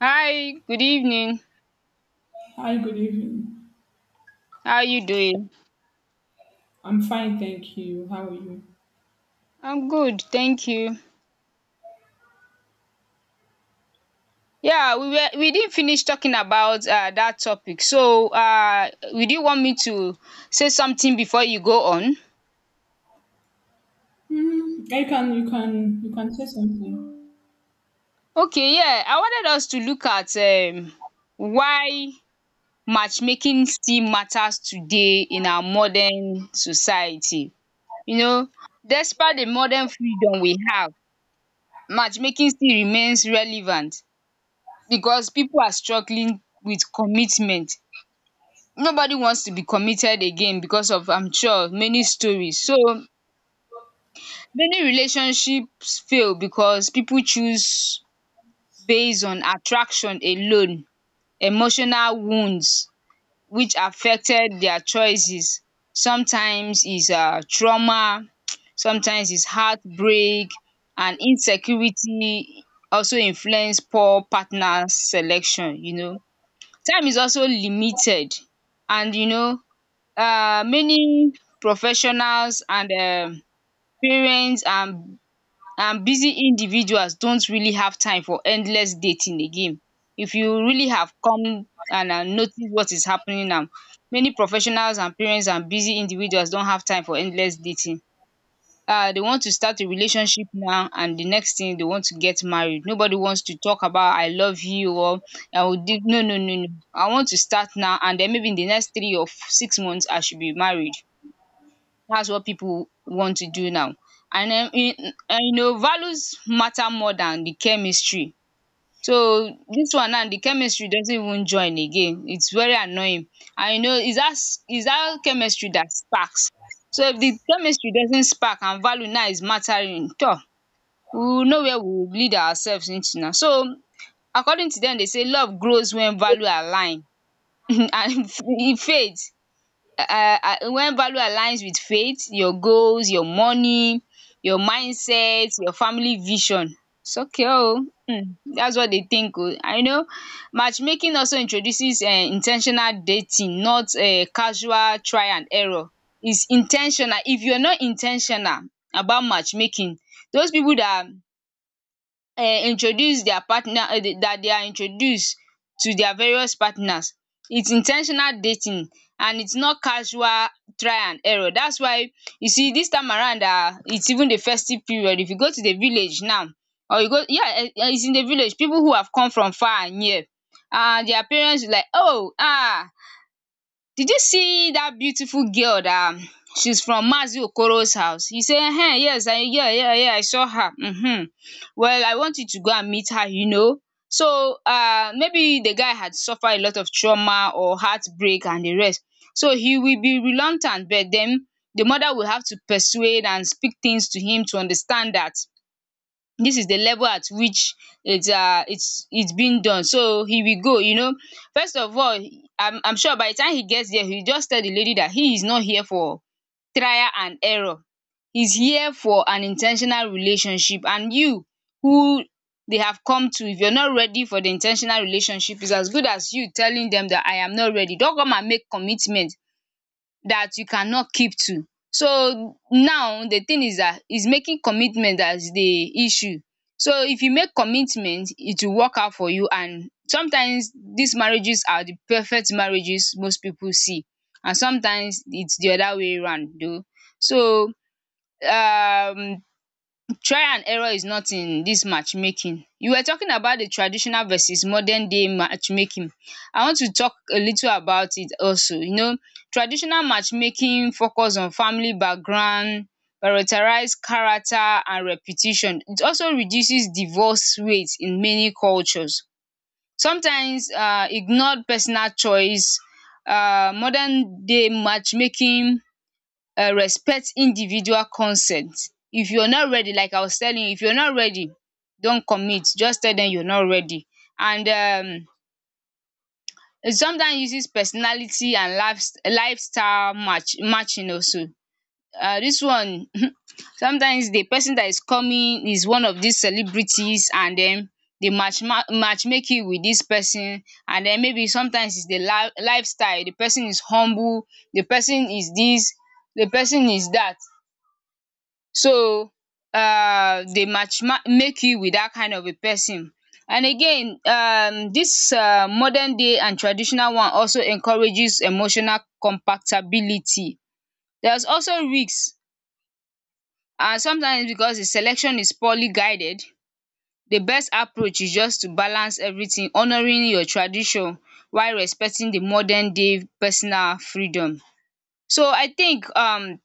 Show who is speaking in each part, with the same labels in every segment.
Speaker 1: Hi, good evening.
Speaker 2: Hi, good evening.
Speaker 1: How are you doing?
Speaker 2: I'm fine, thank you. How are you?
Speaker 1: I'm good, thank you. We didn't finish talking about that topic. So would you want me to say something before you go on?
Speaker 2: Hmm. You can say something.
Speaker 1: Okay, yeah, I wanted us to look at why matchmaking still matters today in our modern society. You know, despite the modern freedom we have, matchmaking still remains relevant because people are struggling with commitment. Nobody wants to be committed again because of, I'm sure, many stories. So many relationships fail because people choose based on attraction alone, emotional wounds which affected their choices. Sometimes is trauma, sometimes is heartbreak and insecurity also influence poor partner selection, you know. Time is also limited, and you know, many professionals and parents and busy individuals don't really have time for endless dating again. If you really have come and notice what is happening now, many professionals and parents and busy individuals don't have time for endless dating. They want to start a relationship now, and the next thing they want to get married. Nobody wants to talk about I love you or I will do. No, no, no, no. I want to start now, and then maybe in the next three or six months I should be married. That's what pipu want to do now, and and you know values matter more than the chemistry. So dis one now the chemistry doesn't even join again, it's very annoying. And you know, is dat, is dat chemistry that sparks. So if the chemistry doesn't spark and value now is mattering tor, we will know where we will lead ourselves into now. So according to dem dey say love grows when value align, and e fades when value aligns with faith, your goals, your money, your mindset, your family vision. It's okay, oh. Mm, that's what they think. Oh. I know matchmaking also introduces intentional dating, not casual try and error. It's intentional. If you're not intentional about matchmaking, those people that introduce their partner, that they are introduced to their various partners. It's in ten tional dating, and it's not casual try and error. That's why you see this time around, it's even the festive period. If you go to the village now or you go, yeah, it's in the village. People who have come from far and near, and their parents will like, oh, ah. Did you see that beautiful girl that, she's from Maazi Okoro's house? He say, yes, I, yeah, yeah, yeah, I saw her, Well, I want you to go and meet her, you know. So maybe the guy had suffered a lot of trauma or heartbreak and the rest. So he will be reluctant, but den the mother will have to persuade and speak things to him to understand that this is the level at which it's it's been done, so he will go, you know. First of all, I'm sure by the time he gets there, he just tell the lady that he is not here for trial and error, he's here for an intentional relationship. And you, who they have come to, if you're not ready for the intentional relationship, it's as good as you telling them that I am not ready. Don't come and make commitment that you cannot keep to. So now the thing is that is making commitment, that is the issue. So if you make commitment, it will work out for you, and sometimes these marriages are the perfect marriages most people see, and sometimes it's the other way round though. So um trial and error is not in this matchmaking. You were talking about the traditional versus modern day matchmaking. I want to talk a little about it also. You know, traditional matchmaking focus on family background, prioritize character and reputation. It also reduces divorce rates in many cultures. Sometimes ignored personal choice. Modern day matchmaking respect individual consent. If you're not ready, like I was telling you, if you're not ready, don't commit, just tell them you're not ready. And it sometimes uses personality and lifestyle matching also. Dis one, sometimes the person that is coming is one of these celebrities, and then they match make with this person, and then maybe sometimes it's the lifestyle. The person is humble, the person is this, the person is that. So dey make you with that kind of a person. And again, dis modern day and traditional one also encourages emotional compatibility. There's also risks, and sometimes because the selection is poorly guided, the best approach is just to balance everything, honouring your tradition while respecting the modern day personal freedom. So I think,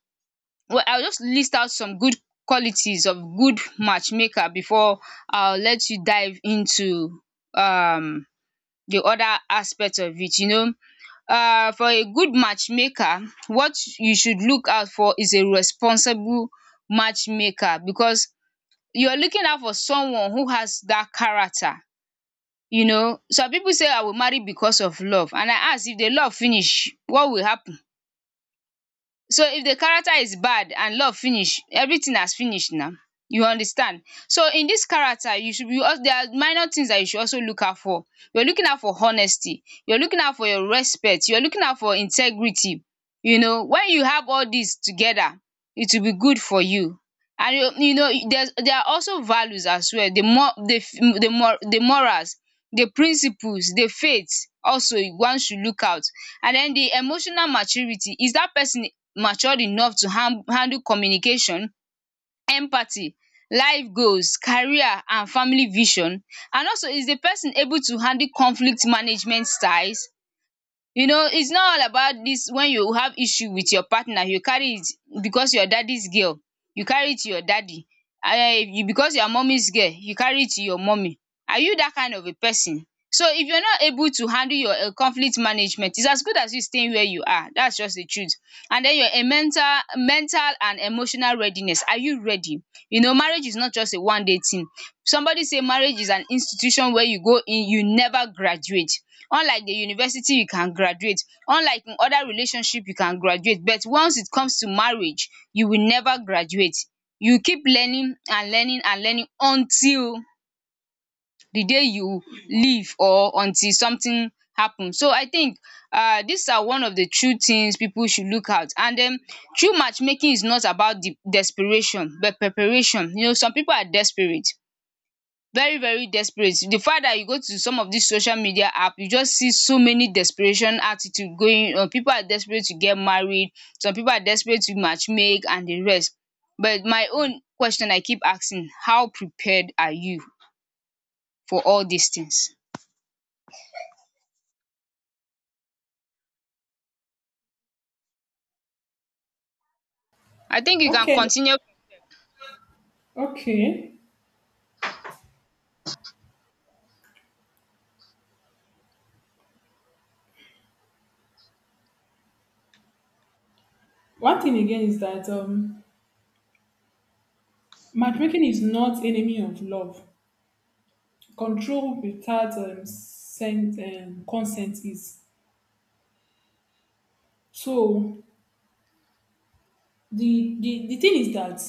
Speaker 1: well, I will just list out some good qualities of good matchmaker before I'll let you dive into um the other aspect of it, you know. For a good matchmaker, what you should look out for is a responsible matchmaker, because you're looking out for someone who has that character. You know, some people say I will marry because of love, and I ask if the love finish, what will happen? So if the character is bad and love finish, everything has finished now. You understand. So in this character, you should be also, there are minor things that you should also look out for. You're looking out for honesty, you're looking out for your respect, you're looking out for integrity. You know, when you have all these together, it will be good for you. And you, you know, There's there are also values as well. The more the the more the morals, the principles, the faith also one should look out. And then the emotional maturity. Is that person matured enough to handle communication, empathy, life goals, career and family vision, and also is the person able to handle conflict management styles? You know, it's not all about this, when you have issue with your partner you carry it because your daddy's girl, you carry it to your daddy, because you are mummy's girl, you carry it to your mommy. Are you that kind of a person? So if you're not able to handle your conflict management, it's as good as you staying where you are, that's just the truth. And then your mental and emotional readiness, are you ready? You know, marriage is not just a one day thing. Somebody say marriage is an institution where you go in, you never graduate. Unlike the university you can graduate, unlike in other relationship you can graduate, but once it comes to marriage you will never graduate. You keep learning and learning and learning until the day you leave or until something happen. So I think these are one of the true things people should look out. And den true matchmaking is not about the desperation, but preparation. You know, some people are desperate, very very desperate, the fact that you go to some of these social media app, you just see so many desperation attitude going on. People are desperate to get married, some people are desperate to matchmake and the rest, but my own question I keep asking, how prepared are you for all these things? I think you can
Speaker 2: Okay,
Speaker 1: continue.
Speaker 2: okay. One thing again is that matchmaking is not enemy of love. Control without consent is. So the thing is that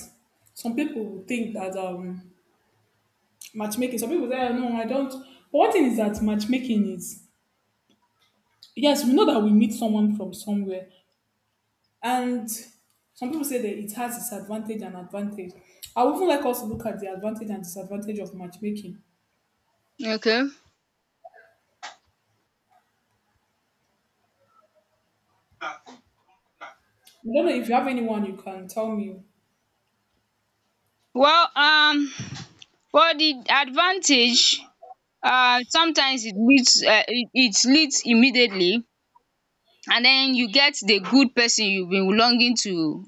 Speaker 2: some people will think that matchmaking. Some people say, "Ah, no, I don't." But one thing is that matchmaking is, yes, we know that we meet someone from somewhere. And some people say that it has disadvantage and advantage. I would even like us to look at the advantage and disadvantage of matchmaking.
Speaker 1: Okay,
Speaker 2: I don't know if you have anyone you can tell me.
Speaker 1: well, for the advantage, sometimes it leads, it leads immediately, and then you get the good person you've been longing to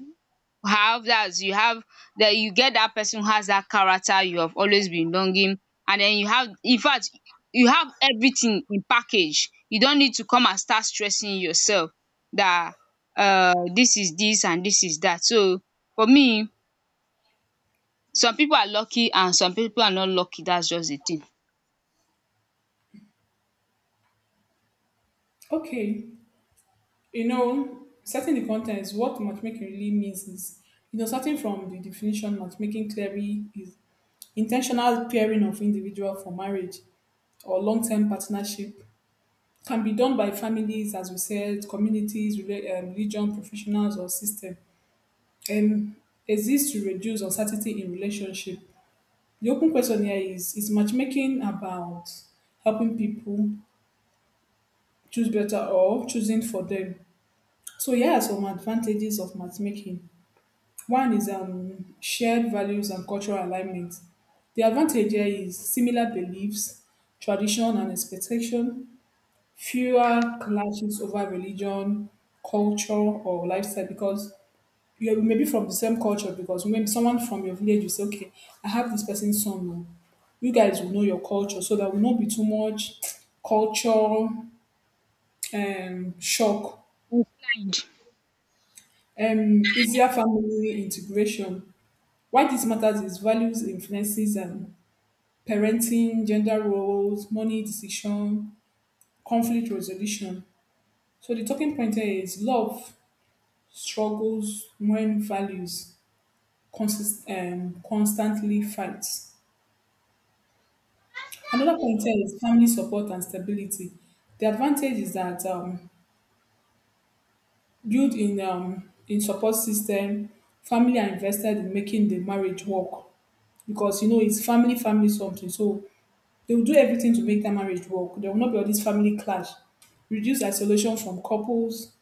Speaker 1: have, that you have, that you get that person who has that character you have always been longing. And then you have, in fact, you have everything in package, you don't need to come and start stressing yourself that, this is this and this is that. So for me, some people are lucky and some people are not lucky, that's just the thing.
Speaker 2: Okay, setting the context, what matchmaking really means is, starting from the definition, matchmaking theory is intentional pairing of individual for marriage or long-term partnership. Can be done by families, as we said, communities, religion, professionals, or system. um, exists to reduce uncertainty in relationship. The open question here is: is matchmaking about helping people choose better or choosing for them? So, here are some advantages of matchmaking. One is shared values and cultural alignment. The advantage here is similar beliefs, tradition, and expectation, fewer clashes over religion, culture, or lifestyle, because you are maybe from the same culture. Because when someone from your village will say, "Okay, I have this person's son. Oh." You guys will know your culture, so there will not be too much culture shock.
Speaker 1: Inclined.
Speaker 2: Easier family integration. Why this matters is values, influences, and parenting, gender roles, money decision, conflict resolution. So the talking point here is love struggles when values constantly fights. Another concern is family support and stability. The advantage is that, built in, in support system, family are invested in making the marriage work, because you know it's family family something. So they will do everything to make that marriage work. There will not be all this family clash, reduce isolation from couples.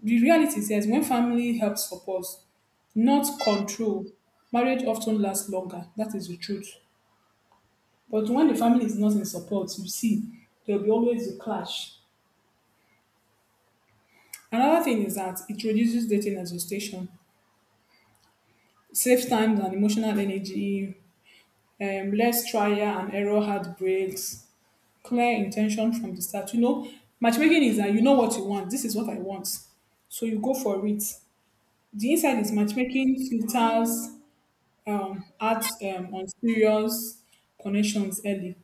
Speaker 2: The reality says when family helps support, not control, marriage often lasts longer. That is the truth. But when the family is not in support, you see there will be always a clash. Another thing is that it reduces dating exhaustion, saves time and emotional energy, less trial and error heartbreaks, clear intention from the start. Matchmaking is that you know what you want. This is what I want. So you go for it. The inside is matchmaking filters ads, on serious connections early.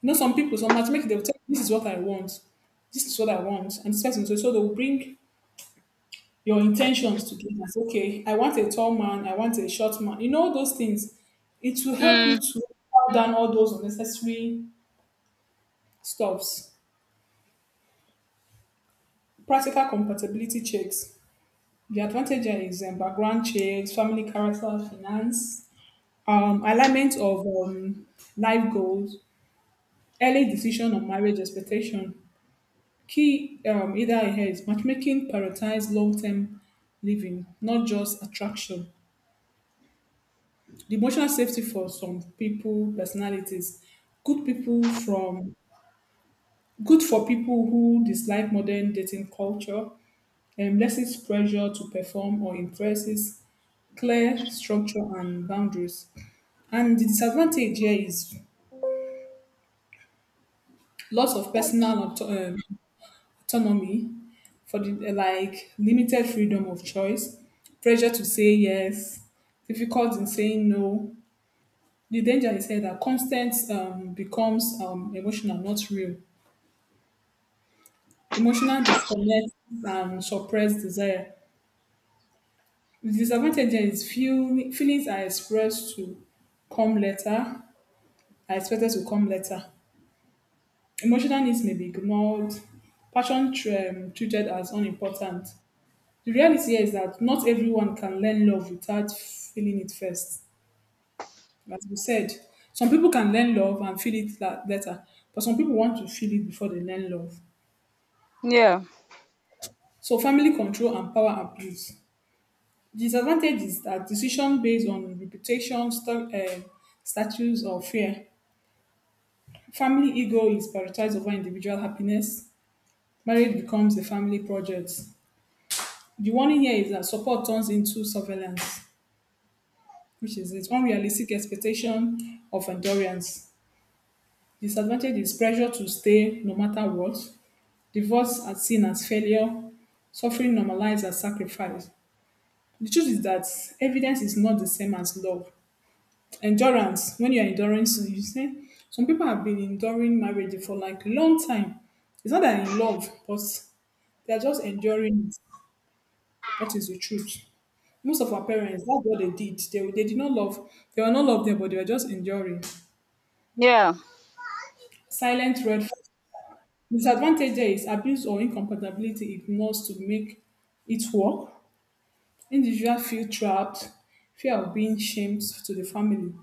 Speaker 2: Some people, some matchmaking, they'll tell you, this is what I want. This is what I want. And this person, so they'll bring your intentions to give as, okay, I want a tall man, I want a short man, you know those things. It will help
Speaker 1: Mm.
Speaker 2: you to cut down all those unnecessary stuffs. Practical compatibility checks. The advantage here is background checks, family, character, finance, alignment of life goals, early decision on marriage expectation. Key either here is matchmaking prioritize long-term living, not just attraction. The emotional safety for some people, personalities, good people from good for people who dislike modern dating culture, lessens pressure to perform or impresses, clear structure and boundaries. And the disadvantage here is loss of personal autonomy, for the like limited freedom of choice, pressure to say yes, difficult in saying no. The danger is here that constant becomes emotional, not real. Emotional disconnect and suppressed desire. The disadvantage here is feelings are expressed to come later, are expected to come later. Emotional needs may be ignored, passion treated as unimportant. The reality here is that not everyone can learn love without feeling it first. As we said, some people can learn love and feel it later, but some people want to feel it before they learn love.
Speaker 1: Yeah,
Speaker 2: So, family control and power abuse. Disadvantage is that decision based on reputation, status, or fear. Family ego is prioritized over individual happiness. Marriage becomes a family project. The warning here is that support turns into surveillance, which is it. Unrealistic expectation of endurance. Disadvantage is pressure to stay no matter what. Divorce as seen as failure. Suffering normalized as sacrifice. The truth is that evidence is not the same as love. Endurance, when you're enduring, so you say some people have been enduring marriage for like long time. It's not that in love, but they're just enduring it. That is the truth. Most of our parents, that's what they did. They did not love. They were not loved there, but they were just enduring.
Speaker 1: yeah,
Speaker 2: Silent red flag. Disadvantage there is abuse or incompatibility ignores to make it work. Individual feel trapped, fear of being shamed to the family.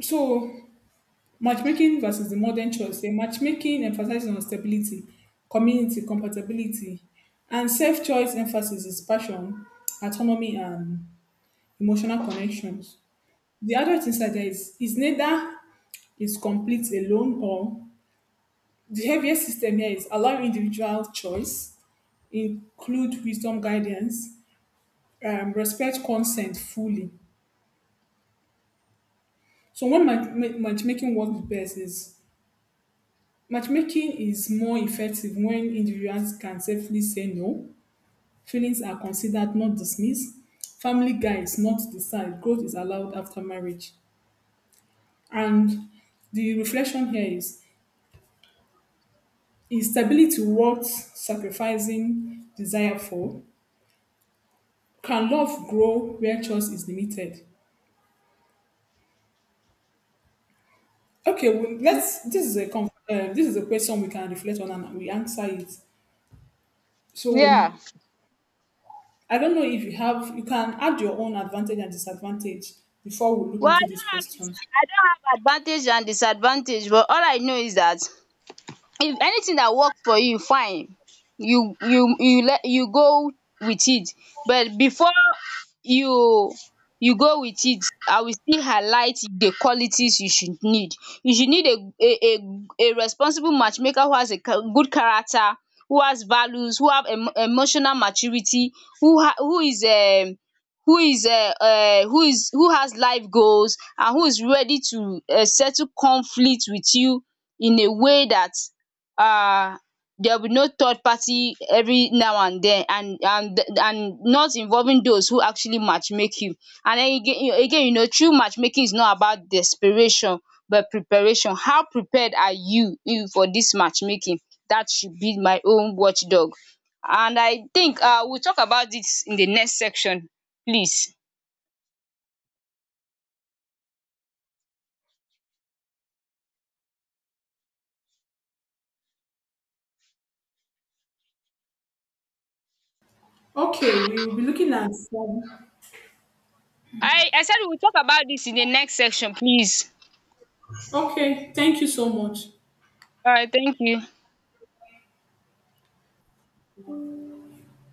Speaker 2: So, matchmaking versus the modern choice. A matchmaking emphasizes on stability, community, compatibility, and self-choice emphasis is passion, autonomy, and emotional connections. The adult insider is neither is complete alone, or the heaviest system here is allowing individual choice, include wisdom guidance, respect consent fully. So when matchmaking works best is: matchmaking is more effective when individuals can safely say no, feelings are considered, not dismissed, family guides, not decide, growth is allowed after marriage. And the reflection here is: is stability worth sacrificing desire for? Can love grow where choice is limited? Okay, well, let's. This is a question we can reflect on and we answer it. So,
Speaker 1: yeah.
Speaker 2: I don't know if you have, you can add your own advantage and disadvantage before we look
Speaker 1: Well,
Speaker 2: into
Speaker 1: I
Speaker 2: these
Speaker 1: don't have dis,
Speaker 2: questions.
Speaker 1: I don't have advantage and disadvantage, but all I know is that if anything that works for you fine, you let you go with it. But before you you go with it, I will still highlight the qualities you should need. You should need a responsible matchmaker who has a good character, who has values, who have emotional maturity, who ha who is who is who is who has life goals, and who is ready to settle conflict with you in a way that um there will be no third party every now and then, and not involving those who actually matchmake you. And then again, you know, true matchmaking is not about desperation but preparation. How prepared are you for this matchmaking? That should be my own watchdog. And I think, we'll talk about this in the next section, please.
Speaker 2: Okay, we will be looking at.
Speaker 1: I said we will talk about this in the next section, please.
Speaker 2: Okay, thank you so much.
Speaker 1: All right, thank you.